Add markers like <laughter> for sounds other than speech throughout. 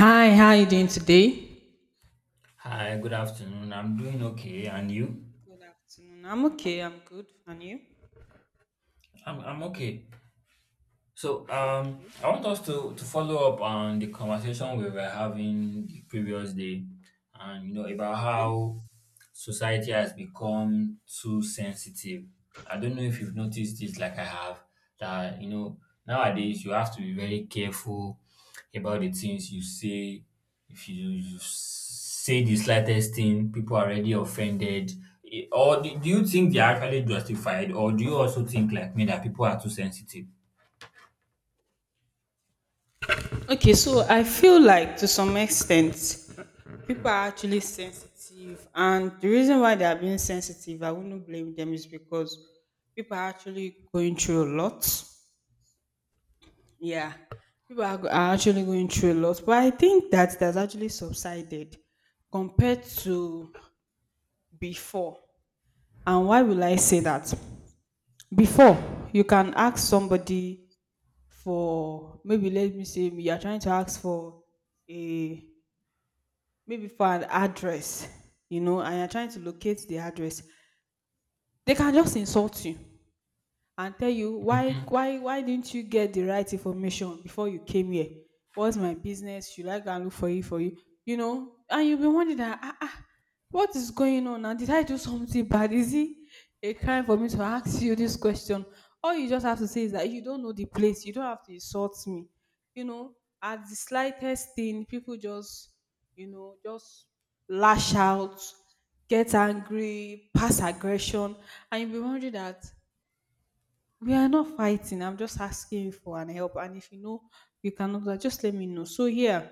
Hi, how are you doing today? Hi, good afternoon. I'm doing okay, and you? Good afternoon. I'm okay. I'm good. And you? I'm okay. So Okay. I want us to follow up on the conversation we were having the previous day, and about Okay. how society has become too sensitive. I don't know if you've noticed this, like I have, that nowadays you have to be very careful about the things you say. If you say the slightest thing, people are already offended. Or do you think they are actually justified, or do you also think like me that people are too sensitive? Okay. So I feel like to some extent, people are actually sensitive. And the reason why they are being sensitive, I wouldn't blame them, is because people are actually going through a lot. Yeah. People are, are actually going through a lot. But I think that's actually subsided compared to before. And why will I say that? Before you can ask somebody for, maybe let me say you are trying to ask for a, maybe for an address, you know, and you're trying to locate the address, they can just insult you and tell you, why Mm-hmm. why why didn't you get the right information before you came here? What's my business? Should I go and look for you? For you, you know." And you'll be wondering that, ah, ah, what is going on now? Did I do something bad? Is it a crime for me to ask you this question? All you just have to say is that you don't know the place. You don't have to insult me, you know. At the slightest thing, people just, you know, just lash out, get angry, pass aggression. And you'll be wondering that we are not fighting. I'm just asking you for an help. And if you know you cannot do that, just let me know. So yeah,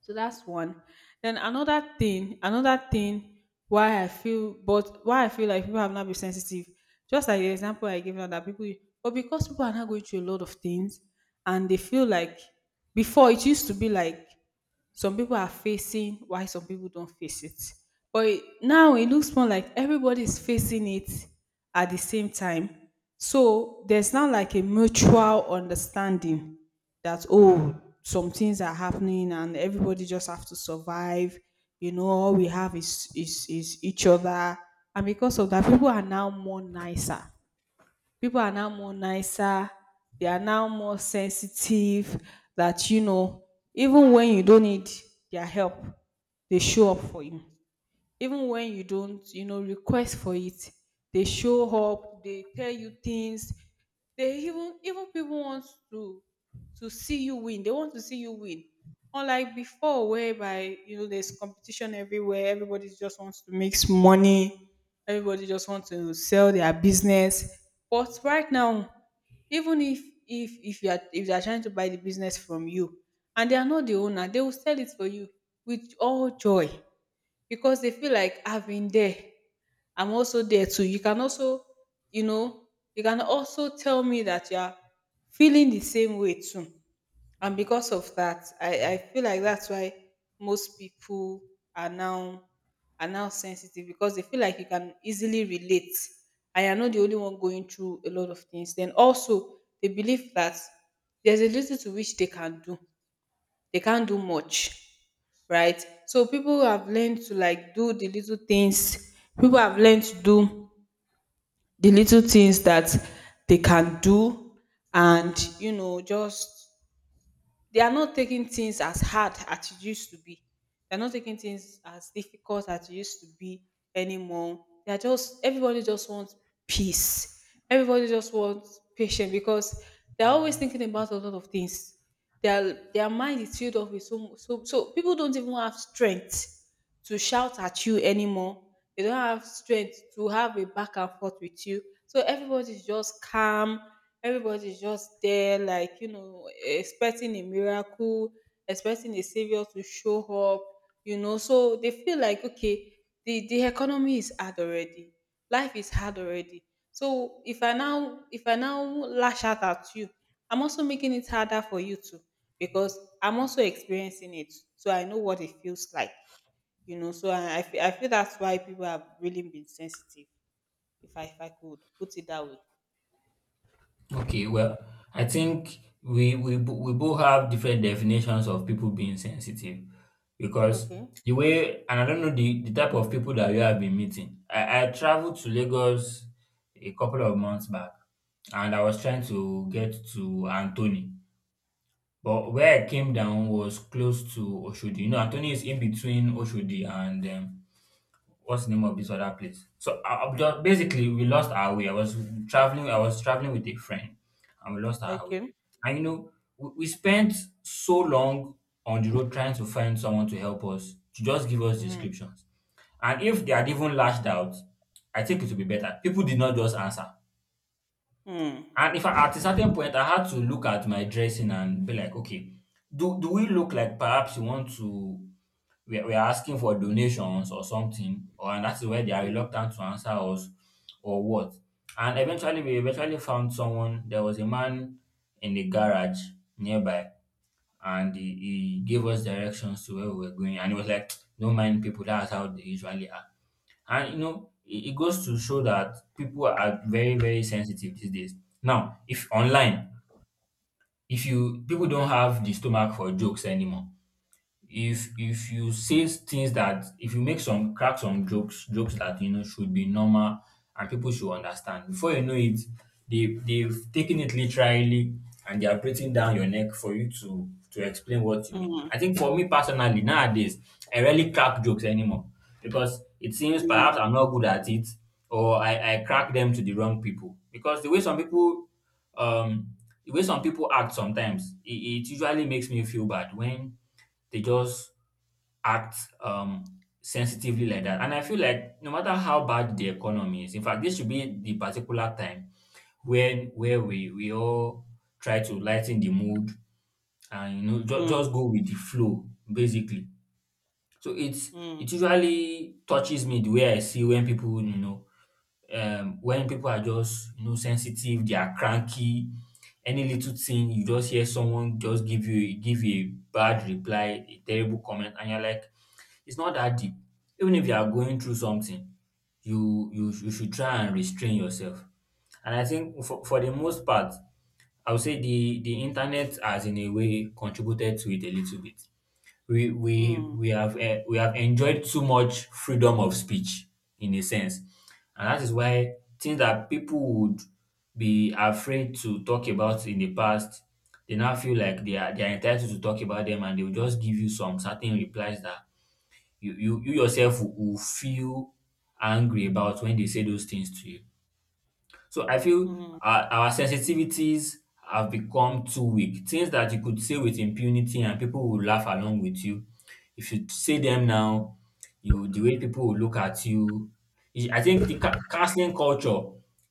so that's one. Then another thing, another thing, why I feel but why I feel like people have not been sensitive, just like the example I gave now that people, but because people are not going through a lot of things and they feel like before it used to be like some people are facing why some people don't face it. But now it looks more like everybody is facing it at the same time. So there's not like a mutual understanding that, oh, some things are happening and everybody just have to survive, you know, all we have is is each other. And because of that, people are now more nicer, people are now more nicer, they are now more sensitive, that you know, even when you don't need their help, they show up for you. Even when you don't, you know, request for it, they show up, they tell you things. They even, people want to see you win, they want to see you win, unlike before whereby, you know, there's competition everywhere, everybody just wants to make money, everybody just wants to sell their business. But right now, even if, if you are, if they are trying to buy the business from you and they are not the owner, they will sell it for you with all joy, because they feel like I've been there. I'm also there too. You can also, you know, you can also tell me that you are feeling the same way too. And because of that, I feel like that's why most people are now, are now sensitive, because they feel like you can easily relate. I am not the only one going through a lot of things. Then also they believe that there's a little to which they can do, they can't do much, right? So people have learned to, like, do the little things. People have learned to do the little things that they can do, and you know, just, they are not taking things as hard as it used to be. They're not taking things as difficult as it used to be anymore. They are just, everybody just wants peace. Everybody just wants patience because they're always thinking about a lot of things. Their mind is filled up with so so, so people don't even have strength to shout at you anymore. They don't have strength to have a back and forth with you. So everybody's just calm. Everybody's just there, like, you know, expecting a miracle, expecting a savior to show up, you know. So they feel like, okay, the economy is hard already. Life is hard already. So if I now lash out at you, I'm also making it harder for you too. Because I'm also experiencing it. So I know what it feels like. You know, so I feel that's why people have really been sensitive, if I could put it that way. Okay, well, I think we both have different definitions of people being sensitive because Okay. the way and I don't know the type of people that you have been meeting. I traveled to Lagos a couple of months back and I was trying Okay. to get to Anthony. But where I came down was close to Oshodi. You know, Anthony is in between Oshodi and what's the name of this other place? So I just, basically, we lost our way. I was traveling. I was traveling with a friend, and we lost our way. Okay. And you know, we spent so long on the road trying to find someone to help us to just give us Mh, descriptions. And if they had even lashed out, I think it would be better. People did not just answer. mh, And if I, at a certain point, I had to look at my dressing and be like, okay, do we look like perhaps we want to? We are asking for donations or something, or and that's where they are mh, reluctant to answer us, or what? And eventually, we eventually found someone. There was a man in the garage nearby, and he gave us directions to where we were going. And he was like, "Don't mind people. That's how they usually are." And you know, it goes to show that people are very, very sensitive these days. Now, if online, if you people don't have the stomach for jokes anymore, if you say things that if you make some crack some jokes that should be normal and people should understand before you know it they've taken it literally and they are breathing down your neck for you to explain what you mh, mean. mh, I think for me personally nowadays I rarely crack jokes anymore because it seems perhaps mh, I'm not good at it or I crack them to the wrong people because um the way some people act sometimes it usually makes me feel bad when they just act sensitively like that. And I feel like no matter how bad the economy is, in fact, this should be the particular time when where we all try to lighten the mood and just go mh, with the flow basically. So mh, it usually touches me the way I see when people you know when people are just sensitive, they are cranky. Any little thing you just hear someone just give you a bad reply, a terrible comment, and you're like. It's not that deep. Even if you are going through something, you should try and restrain yourself. And I think for the most part, I would say the internet has in a way contributed to it a little bit. We have enjoyed too much freedom of speech in a sense, and that is why things that people would be afraid to talk about in the past, they now feel like they are entitled to talk about them, and they will just give you some certain replies that you yourself will feel angry about when they say those things to you. So I feel mh, our sensitivities have become too weak. Things that you could say with impunity and people will laugh along with you. If you say them now, you the way people will look at you. I think the canceling culture,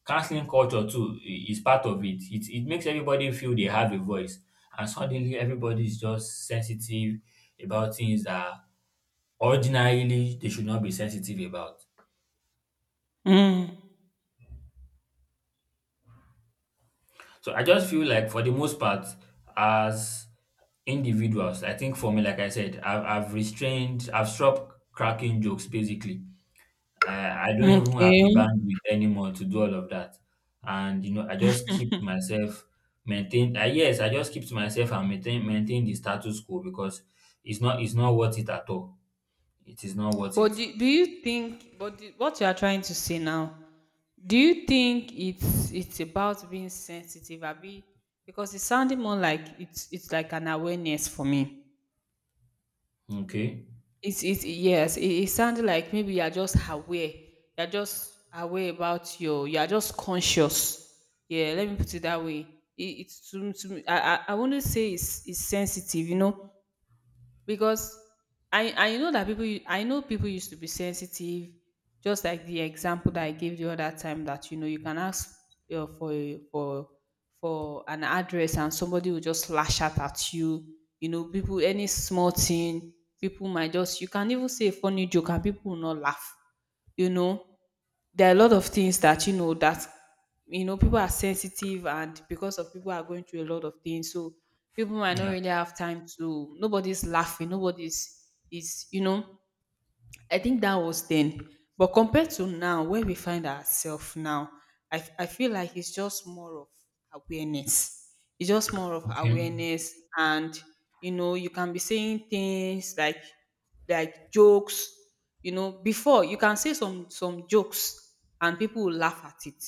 canceling culture too is part of it. It makes everybody feel they have a voice, and suddenly everybody is just sensitive about things that ordinarily they should not be sensitive about. mm, So I just feel like for the most part, as individuals, I think for me, like I said, I've restrained, I've stopped cracking jokes basically. I don't even have okay. the bandwidth anymore to do all of that. And I just keep myself maintained. Yes, I just keep to myself and maintain the status quo because it's not worth it at all. It is not worth But it. do what you are trying to say now, do you think it's about being sensitive abi? Because it's sounding more like it's like an awareness for me. Okay. It's, it, yes, it sounded like maybe you're just aware. You're just aware about your, you're just conscious. Yeah, let me put it that way. It's to me, I wouldn't say it's sensitive, you know, because I know that people I know people used to be sensitive, just like the example that I gave the other time, that you know you can ask, for for, for an address, and somebody will just lash out at you. You know, people, any small thing, people might just, you can even say a funny joke and people will not laugh. You know, there are a lot of things that you know, that you know, people are sensitive, and because of people are going through a lot of things, so people might not Yeah. really have time to, nobody's laughing, nobody's is, you know, I think that was then. But compared to now, where we find ourselves now, I feel like it's just more of awareness. It's just more of Okay. awareness, and you know, you can be saying things like jokes. You know, before you can say some jokes and people will laugh at it.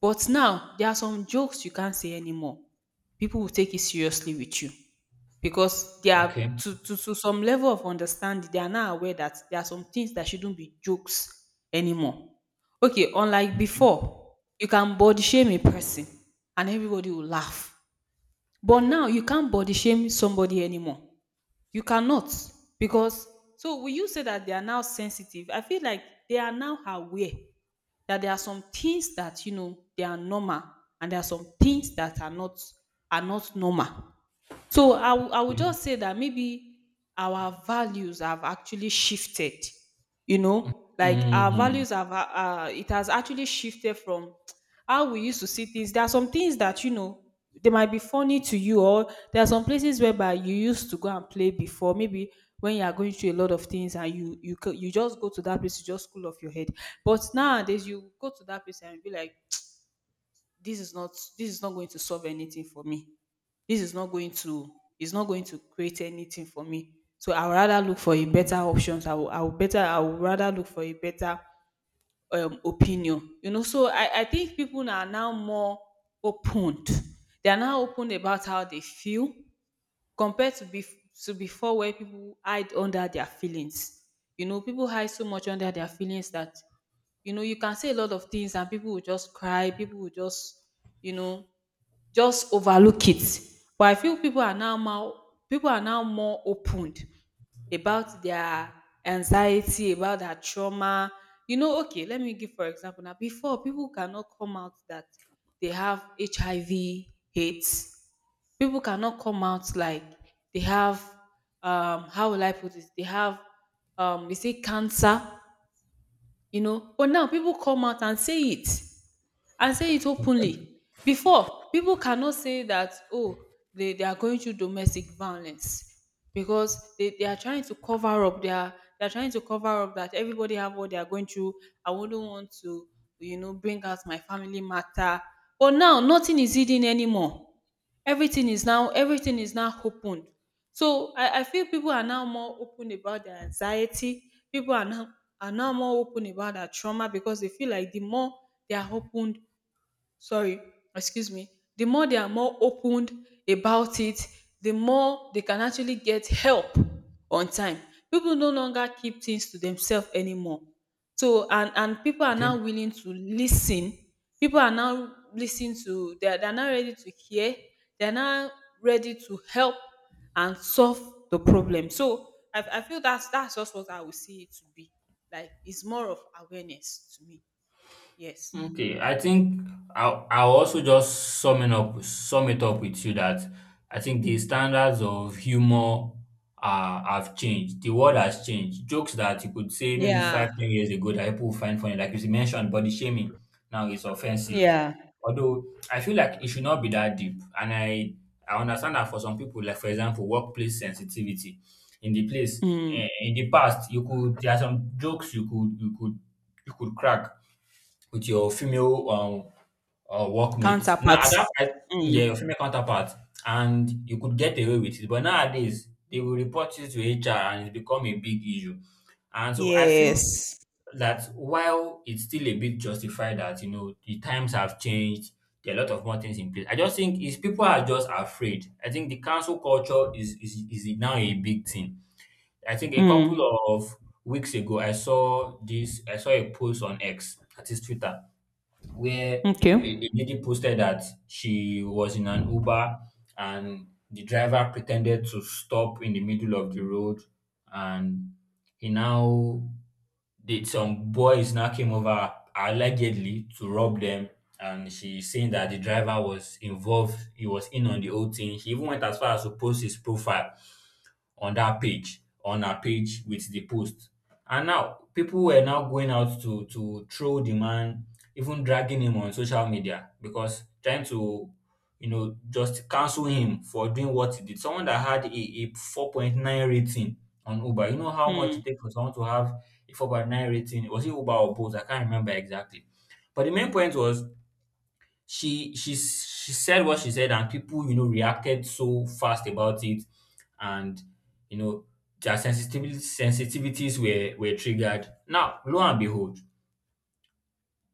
But now there are some jokes you can't say anymore. People will take it seriously with you. Because they are, Okay. To some level of understanding, they are now aware that there are some things that shouldn't be jokes anymore. Okay, unlike Okay. before, you can body shame a person and everybody will laugh. But now you can't body shame somebody anymore. You cannot. Because, so will you say that they are now sensitive? I feel like they are now aware that there are some things that, you know, they are normal, and there are some things that are not, are not normal. So I would Okay. just say that maybe our values have actually shifted. You know, like our Mm. values have, it has actually shifted from how we used to see things. There are some things that, you know, they might be funny to you, or there are some places whereby you used to go and play before. Maybe when you are going through a lot of things and you, you just go to that place to just cool off your head. But nowadays you go to that place and be like, this is not, this is not going to solve anything for me, this is not going to, it's not going to create anything for me. So I would rather look for a better options. I will better I would rather look for a better, opinion, you know. So I think people are now more opened, they are now open about how they feel, compared to to before, where people hide under their feelings. You know, people hide so much under their feelings that, you know, you can say a lot of things and people will just cry, people will just, you know, just overlook it. But I feel people are now more, people are now more opened about their anxiety, about their trauma. You know, okay, let me give for example now. Before, people cannot come out that they have HIV AIDS. People cannot come out like they have, um, how will I put it? They have, um, is it cancer? You know. But now people come out and say it, and say it openly. Before, people cannot say that, oh, they are going through domestic violence, because they are trying to cover up their, they are trying to cover up that everybody have what they are going through. I wouldn't want to, you know, bring out my family matter. But now nothing is hidden anymore. Everything is now opened. So I feel people are now more open about their anxiety. People are now, are now more open about their trauma, because they feel like the more they are open, sorry, excuse me, the more they are more opened about it, the more they can actually get help on time. People no longer keep things to themselves anymore. So and people are Okay. now willing to listen. People are now listening to they are now ready to hear. They are now ready to help and solve the problem. So I feel that's just what I would see it to be. Like it's more of awareness to me. Yes. Okay. I think I'll also just sum it up with you that I think the standards of humor have changed. The world has changed. Jokes that you could say maybe Yeah. 5, 10 years ago that people would find funny, like you mentioned, body shaming now is offensive. Yeah. Although I feel like it should not be that deep. And I understand that for some people, like for example, workplace sensitivity in the place Mm. In the past, you could there are some jokes you could crack with your female workmate. Now at Counterparts. that point, Mm. yeah, your female counterpart, and you could get away with it. But nowadays, they will report you to HR, and it's become a big issue. And so I feel Yes. that while it's still a bit justified that the times have changed, there are a lot of more things in place. I just think is people are just afraid. I think the cancel culture is now a big thing. I think a couple Mm. of weeks ago I saw a post on X, that is Twitter, where a, Okay. a lady posted that she was in an Uber and the driver pretended to stop in the middle of the road, and he now did some boys now came over allegedly to rob them, and she's saying that the driver was involved. He was in on the whole thing. She even went as far as to post his profile on that page, on her page with the post. And now people were now going out to throw the man, even dragging him on social media, because trying to just cancel him for doing what he did. Someone that had a 4.9 rating on Uber, you know how much Mm. it takes for someone to have a 4.9 rating? Was it Uber or Bolt? I can't remember exactly. But the main point was she said what she said, and people reacted so fast about it. And you know their sensitivity sensitivities were triggered. Now, lo and behold,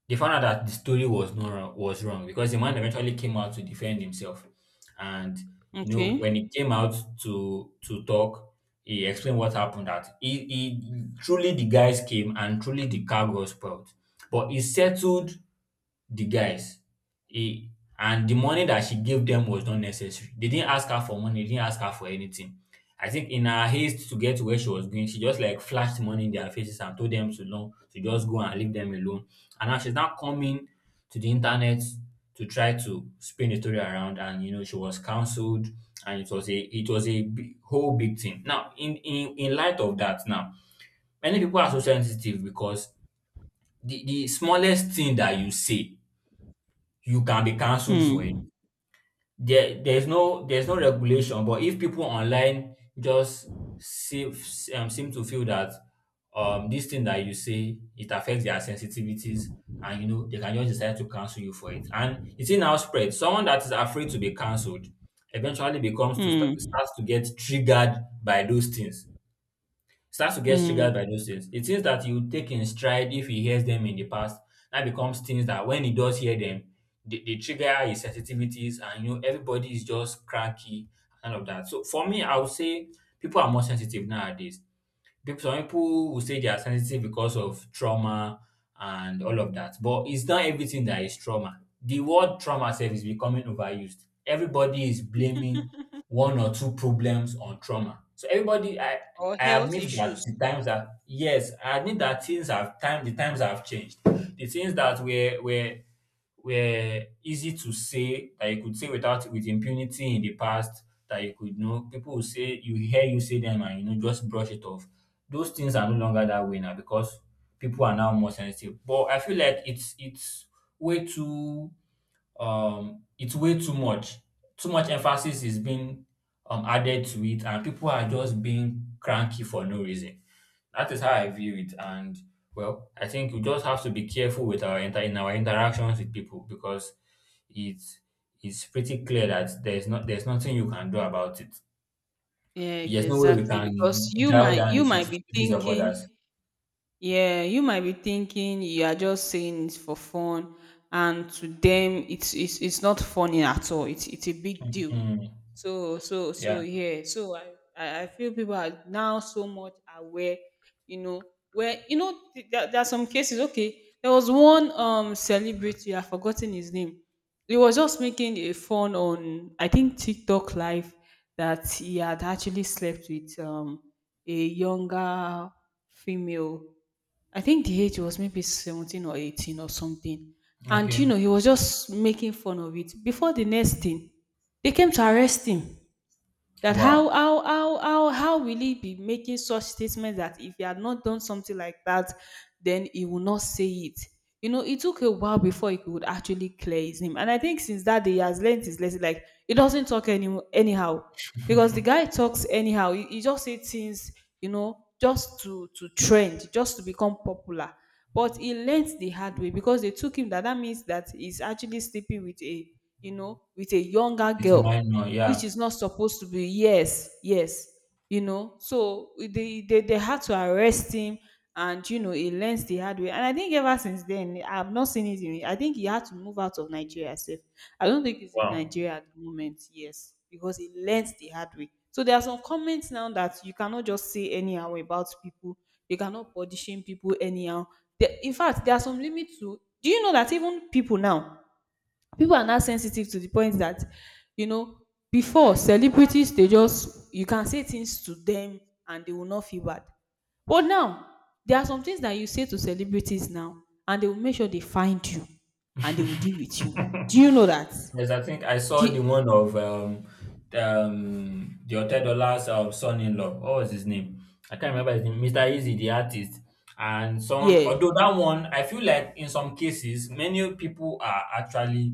they found out that the story was not wrong, was wrong, because the man eventually came out to defend himself. And Okay. when he came out to talk, he explained what happened, that he truly the guys came and truly the car was spoiled, but he settled the guys. He, and the money that she gave them was not necessary. They didn't ask her for money, they didn't ask her for anything. I think in her haste to get to where she was going, she just like flashed money in their faces and told them to know to just go and leave them alone. And now she's now coming to the internet to try to spin the story around. And she was cancelled and it was a big, whole big thing. Now in light of that now, many people are so sensitive because the smallest thing that you say you can be cancelled for it. Mm. There's no regulation, but if people online just seem, seem to feel that this thing that you say it affects their sensitivities, and they can just decide to cancel you for it. And it's in now spread. Someone that is afraid to be cancelled eventually Mm. starts to get triggered by those things, starts to get triggered by Mm. those things. It's things that you take in stride if he hears them in the past. That becomes things that when he does hear them, they trigger his sensitivities, and everybody is just cranky and all of that. So for me, I would say people are more sensitive nowadays. Some people will say they are sensitive because of trauma and all of that, but it's not everything that is trauma. The word trauma self is becoming overused. Everybody is blaming one or two problems on trauma. So everybody, I, Or I health admit that issues. the times are yes, I admit that things have time the times have changed. The things that were easy to say that you could say without with impunity in the past that you could know people will say you hear you say them and just brush it off. Those things are no longer that way now because people are now more sensitive. But I feel like it's way too way Too much emphasis is being added to it, and people are just being cranky for no reason. That is how I view it. And well, I think we just have to be careful with in our interactions with people because it's it's pretty clear that there's nothing you can do about it. Yeah, There's no way we exactly. Because can you dial might down the you might be sensitivities of others. thinking. Yeah, you might be thinking you are just saying it's for fun, and to them, it's not funny at all. It's a big deal. Mm, So yeah. yeah. So I feel people are now so much aware. You know where you know there are some cases. Okay, there was one celebrity. I've forgotten his name. He was just making a fun on I think TikTok live that he had actually slept with a younger female. I think the age was maybe 17 or 18 or something. And you Okay. know, he was just making fun of it. Before the next thing, they came to arrest him. That Wow. how will he be making such statements that if he had not done something like that, then he will not say it. You know, it took a while before he could actually clear his name, and I think since that day he has learned his lesson. Like he doesn't talk anyhow. Because the guy <laughs> talks anyhow. He just say things, you know, just to trend, just to become popular. But he learnt the hard way because they took him. That that means that he's actually sleeping with a, you know, with a younger It's girl, mine now. Yeah. which is not supposed to be. Yes, yes. You know, so they had to arrest him, and you know he learns the hard way. And I think ever since then, I've not seen it. In, I think he had to move out of Nigeria. Safe. I don't think he's in Wow. Nigeria at the moment. Yes, because he learns the hard way. So there are some comments now that you cannot just say anyhow about people. You cannot position people anyhow. There, in fact, there are some limits to. Do you know that even people now, people are now sensitive to the point that, you know, before celebrities, they just, you can say things to them and they will not feel bad. But now there are some things that you say to celebrities now and they will make sure they find you and they will deal with you. Do you know that? <laughs> Yes, I think I saw the The one of the Hotel Dollar's son-in-law. What was his name? I can't remember his name. Mr. Easy, the artist. And some, yeah. although that one, I feel like in some cases, many people are actually,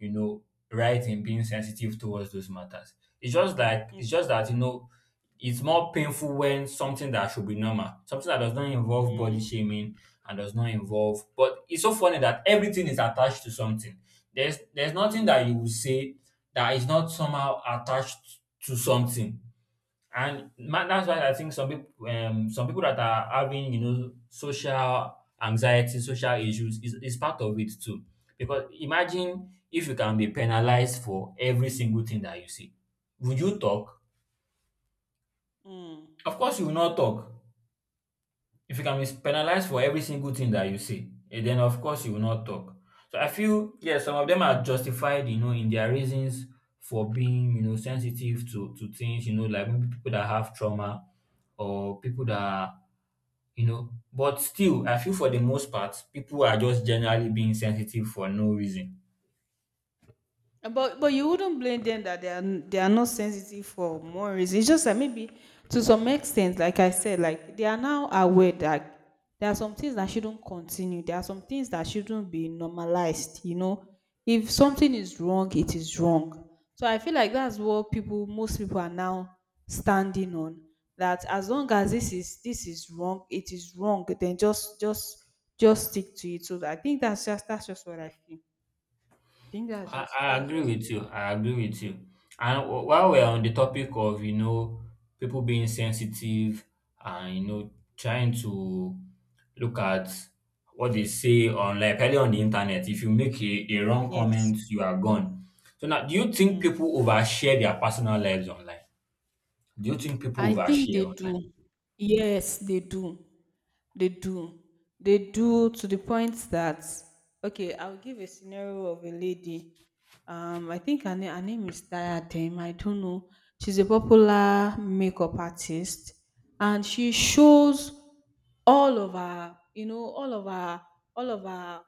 you know, right in being sensitive towards those matters. It's just Okay. that it's more painful when something that should be normal, something that does not involve body Mm, shaming and does not involve. But it's so funny that everything is attached to something. There's nothing mm, that you will say that is not somehow attached to something. And that's why I think some people that are having, social anxiety, social issues is part of it too. Because imagine if you can be penalized for every single thing that you see. Would you talk? mm. Of course you will not talk. If you can be penalized for every single thing that you say, eh, then of course you will not talk. So I feel yes, some of them are justified, in their reasons for being, sensitive to things, like maybe people that have trauma or people that are, but still I feel for the most part people are just generally being sensitive for no reason. But you wouldn't blame them that they are they are not sensitive for more reasons. It's just that maybe to some extent, like I said, like they are now aware that there are some things that shouldn't continue. There are some things that shouldn't be normalized. You know, if something is wrong, it is wrong. So I feel like that's what people, most people are now standing on. That as long as this is wrong, it is wrong. Then just just stick to it. So I think that's just what I feel. I think that's I, just I that's agree just with it. you. I agree with you. And while we're on the topic of, people being sensitive and, trying to look at what they say on, like, early on the internet, if you make a wrong Yes. comment, you are gone. So now, do you think Mm. people overshare their personal lives online? Do you think people I think overshare they online? do. Yes, they do. They do. They do to the point that, okay, I'll give a scenario of a lady. I think her name is Diadem. I don't know. She's a popular makeup artist, and she shows all of her, you know, all of her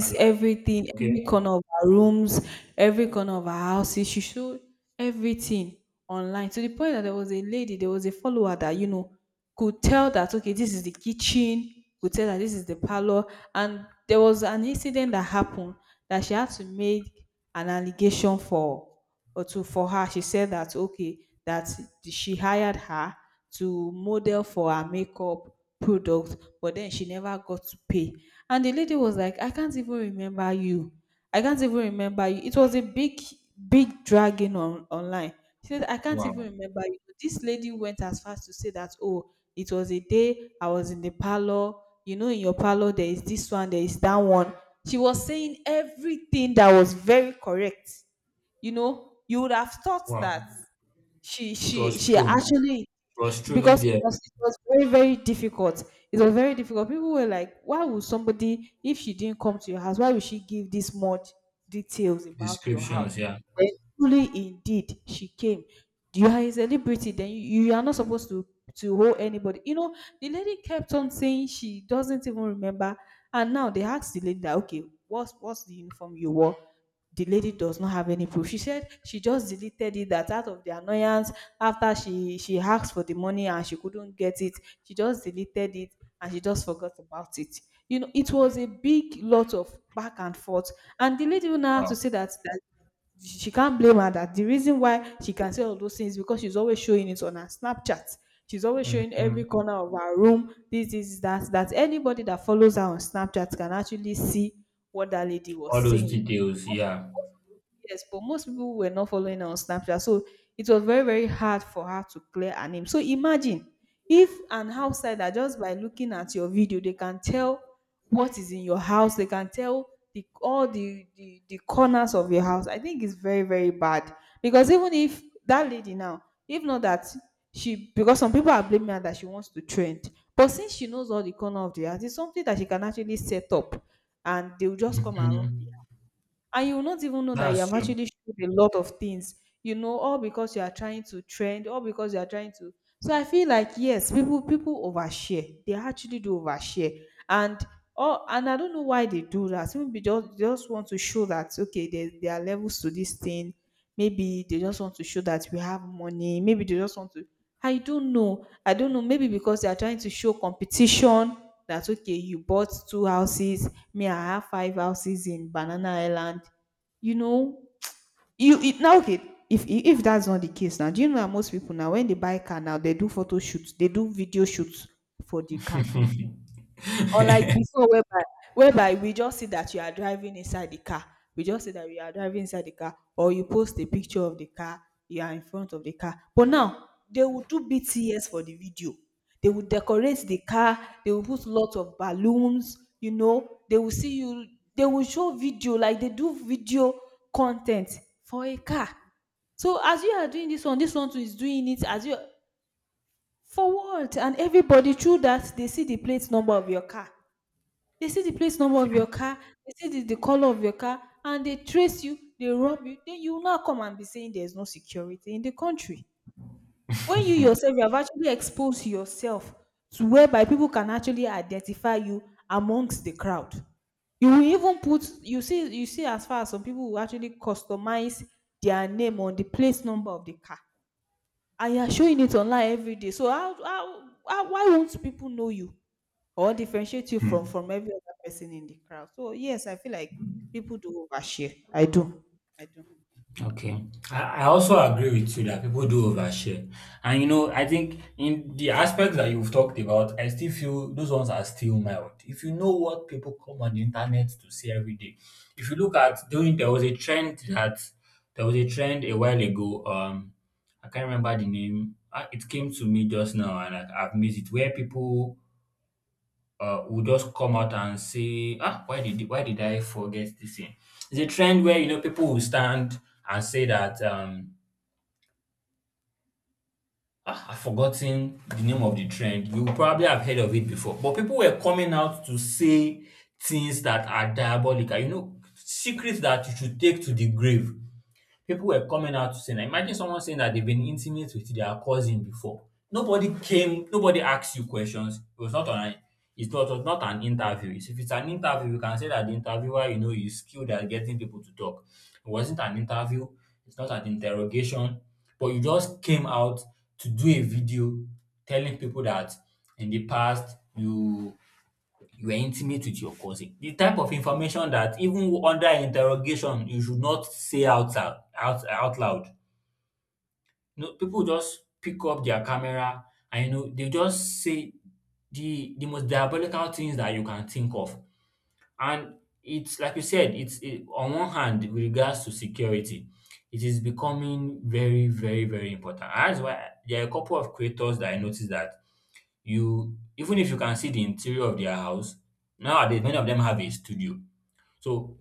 I'm like, everything, okay. every corner of our rooms, every corner of our houses. She showed everything online to the point that there was a lady, there was a follower that, you know, could tell that, okay, this is the kitchen, could tell that this is the parlor. And there was an incident that happened that she had to make an allegation for or to for her. She said that, okay, that she hired her to model for her makeup product, but then she never got to pay. And the lady was like, I can't even remember you. I can't even remember you. It was a big, big dragging on online. She said, I can't even Wow, remember you. This lady went as far as to say that, oh, it was a day I was in the parlor. You know, in your parlor, there is this one, there is that one. She was saying everything that was very correct. You know, you would have thought wow. that she It she was she true. actually. It was truly Because it their was, it was very very difficult. It was very difficult. People were like, why would somebody, if she didn't come to your house, why would she give this much details about your house? descriptions, yeah. Then truly indeed she came. You are a celebrity, then you are not supposed to hold anybody. You know, the lady kept on saying she doesn't even remember, and now they asked the lady that, okay, what's the uniform you wore. The lady does not have any proof. She said she just deleted it, that out of the annoyance, after she asked for the money and she couldn't get it, she just deleted it and she just forgot about it. You know, it was a big lot of back and forth, and the lady now had Wow. to say that, that she can't blame her, that the reason why she can say all those things because she's always showing it on her Snapchat. She's always showing every Hmm. corner of her room, this that that, anybody that follows her on Snapchat can actually see what that lady was All those saying. details, yeah. Yes, but most people were not following her on Snapchat. So it was very, very hard for her to clear her name. So imagine if an outsider, just by looking at your video, they can tell what is in your house, they can tell the all the corners of your house. I think it's very, very bad. Because even if that lady now, if not that she, because some people are blaming her that she wants to trend. But since she knows all the corner of the house, it's something that she can actually set up and they'll just come and Mhm. rob, and you will not even know that you That's have true. actually showed a lot of things. You know, all because you are trying to trend, all because you are trying to. So I feel like yes, people overshare, they actually do overshare. And oh, and I don't know why they do that. Maybe just want to show that, okay, there are levels to this thing. Maybe they just want to show that we have money. Maybe they just want to. I don't know. I don't know. Maybe because they are trying to show competition. That okay, you bought two houses, me, I have five houses in Banana Island. You know, <tsk> you it, now okay. If that's not the case now, do you know that most people now, when they buy car now, they do photo shoots, they do video shoots for the car. Unlike <laughs> before whereby we just see that you are driving inside the car. We just see that you are driving inside the car, or you post a picture of the car, you are in front of the car. But now they will do BTS for the video. They will decorate the car, they will put lots of balloons, you know, they will see you, they will show video, like they do video content for a car. So as you are doing this one too is doing it as you, for what? And everybody through that, they see the plate number of your car. They see the place number of your car, they see the color of your car, and they trace you, they rob you. Then you now come and be saying there's no security in the country. When you yourself, you have actually exposed yourself to whereby people can actually identify you amongst the crowd. You will even put, you see, as far as some people will actually customize their name on the place number of the car, and you are showing it online every day. So how why won't people know you or differentiate you from every other person in the crowd? So yes, I feel like people do overshare. I do. I do. Okay. I also agree with you that people do overshare. And I think in the aspects that you've talked about, I still feel those ones are still mild. If you know what people come on the internet to say every day, if you look at doing there was a trend that there was a trend a while ago. I can't remember the name. Ah, it came to me just now, and I've missed it, where people will just come out and say, ah, why did I forget this thing? It's a trend where people will stand and say that I've forgotten the name of the trend. You probably have heard of it before, but people were coming out to say things that are diabolical. You know, secrets that you should take to the grave. People were coming out to say, now imagine someone saying that they've been intimate with their cousin before. Nobody came, nobody asked you questions. It was not an, it's not, it was not an interview. If it's an interview, you can say that the interviewer, is skilled at getting people to talk. It wasn't an interview, it's not an interrogation, but you just came out to do a video telling people that in the past you are intimate with your cousin. The type of information that even under interrogation you should not say out out, out, out loud. You know, people just pick up their camera, and they just say the most diabolical things that you can think of. And it's like you said, on one hand with regards to security, it is becoming very, very, very important. And that's why there are a couple of creators that I noticed that you, even if you can see the interior of their house nowadays, many of them have a studio. So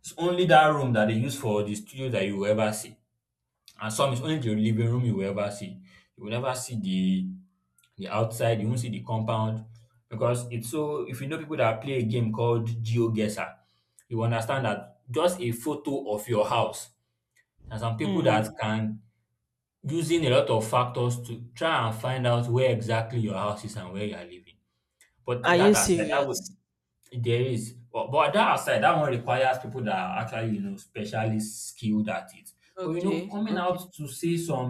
it's only that room that they use for the studio that you will ever see, and some is only the living room you will ever see. You will never see the outside, you won't see the compound. Because it's so, if you know people that play a game called Geoguessr, you will understand that just a photo of your house, and some people that Mm. can using a lot of factors to try and find out where exactly your house is and where you are living, but Are that you aside, that would— serious? There is, but that aside, that one requires people that are actually, specially skilled at it. But Okay, coming okay. out to say some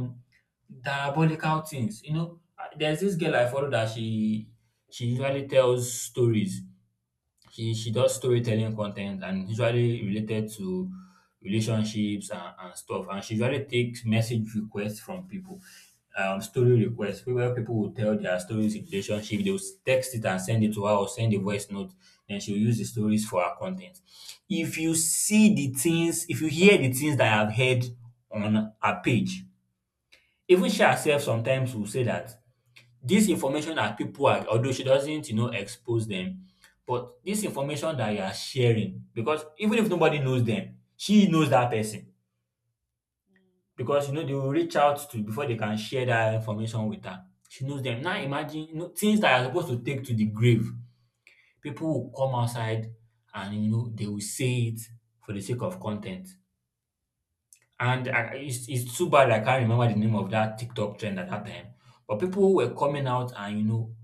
diabolical things, there's this girl I follow that she usually tells stories. She does storytelling content and usually related to relationships and, stuff. And she usually takes message requests from people, story requests. Where people will tell their stories in relationship, they'll text it and send it to her or send a voice note. Then she'll use the stories for her content. If you see the things, if you hear the things that I've heard on her page, even she herself sometimes will say that this information that people are, although she doesn't, expose them, but this information that you are sharing, because even if nobody knows them, she knows that person. Because they will reach out to before they can share that information with her. She knows them. Now imagine things that are supposed to take to the grave, people will come outside, and they will say it for the sake of content. And it's too bad I can't remember the name of that TikTok trend at that time. But people were coming out and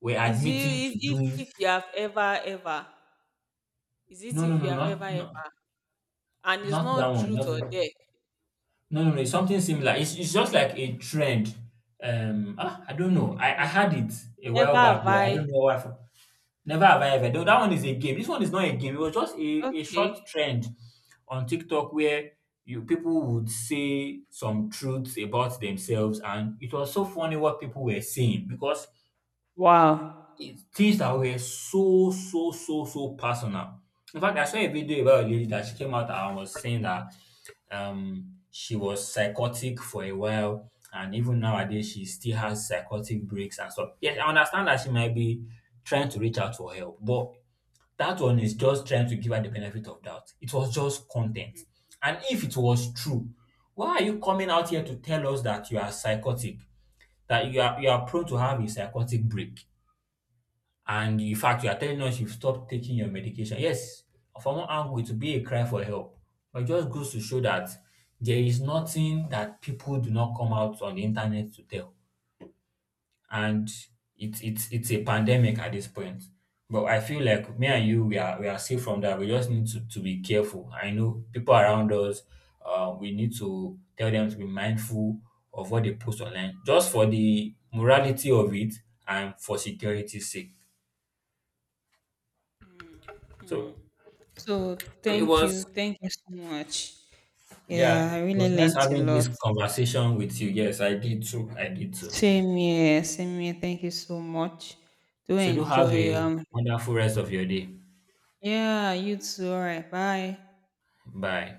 were Is you, admitting if to if doing. if you have ever ever, is it No, no, if you no, have ever not no, ever, and it's not that not one. truth Not the, or no, dare. no, no. It's something similar. It's just like a trend. I don't know. I Okay. had it a Never while back, have but I I. don't know why. Never have I ever. Though that one is a game. This one is not a game. It was just a short Okay. trend on TikTok where you people would say some truths about themselves, and it was so funny what people were saying because Wow. it's things that were so, so, so, so personal. In fact, I saw a video about a lady that she came out and was saying that she was psychotic for a while, and even nowadays she still has psychotic breaks and stuff. Yes, I understand that she might be trying to reach out for help, but that one is just trying to give her the benefit of doubt. It was just content. And if it was true, why are you coming out here to tell us that you are psychotic? That you are prone to have a psychotic break? And in fact, you are telling us you've stopped taking your medication. Yes, from one angle, it will be a cry for help. But it just goes to show that there is nothing that people do not come out on the internet to tell. And it's a pandemic at this point. But I feel like me and you, we are safe from that. We just need to be careful. I know people around us, we need to tell them to be mindful of what they post online, just for the morality of it and for security's sake. So So So it thank was you. Thank you so much. Yeah, Yeah, I it really was nice learnt a having this lot. conversation with you. Yes, I did too. I did too. Same here, same here. Thank you so much. Do So do have enjoy. a wonderful rest of your day. Yeah, you too. All right, bye. Bye.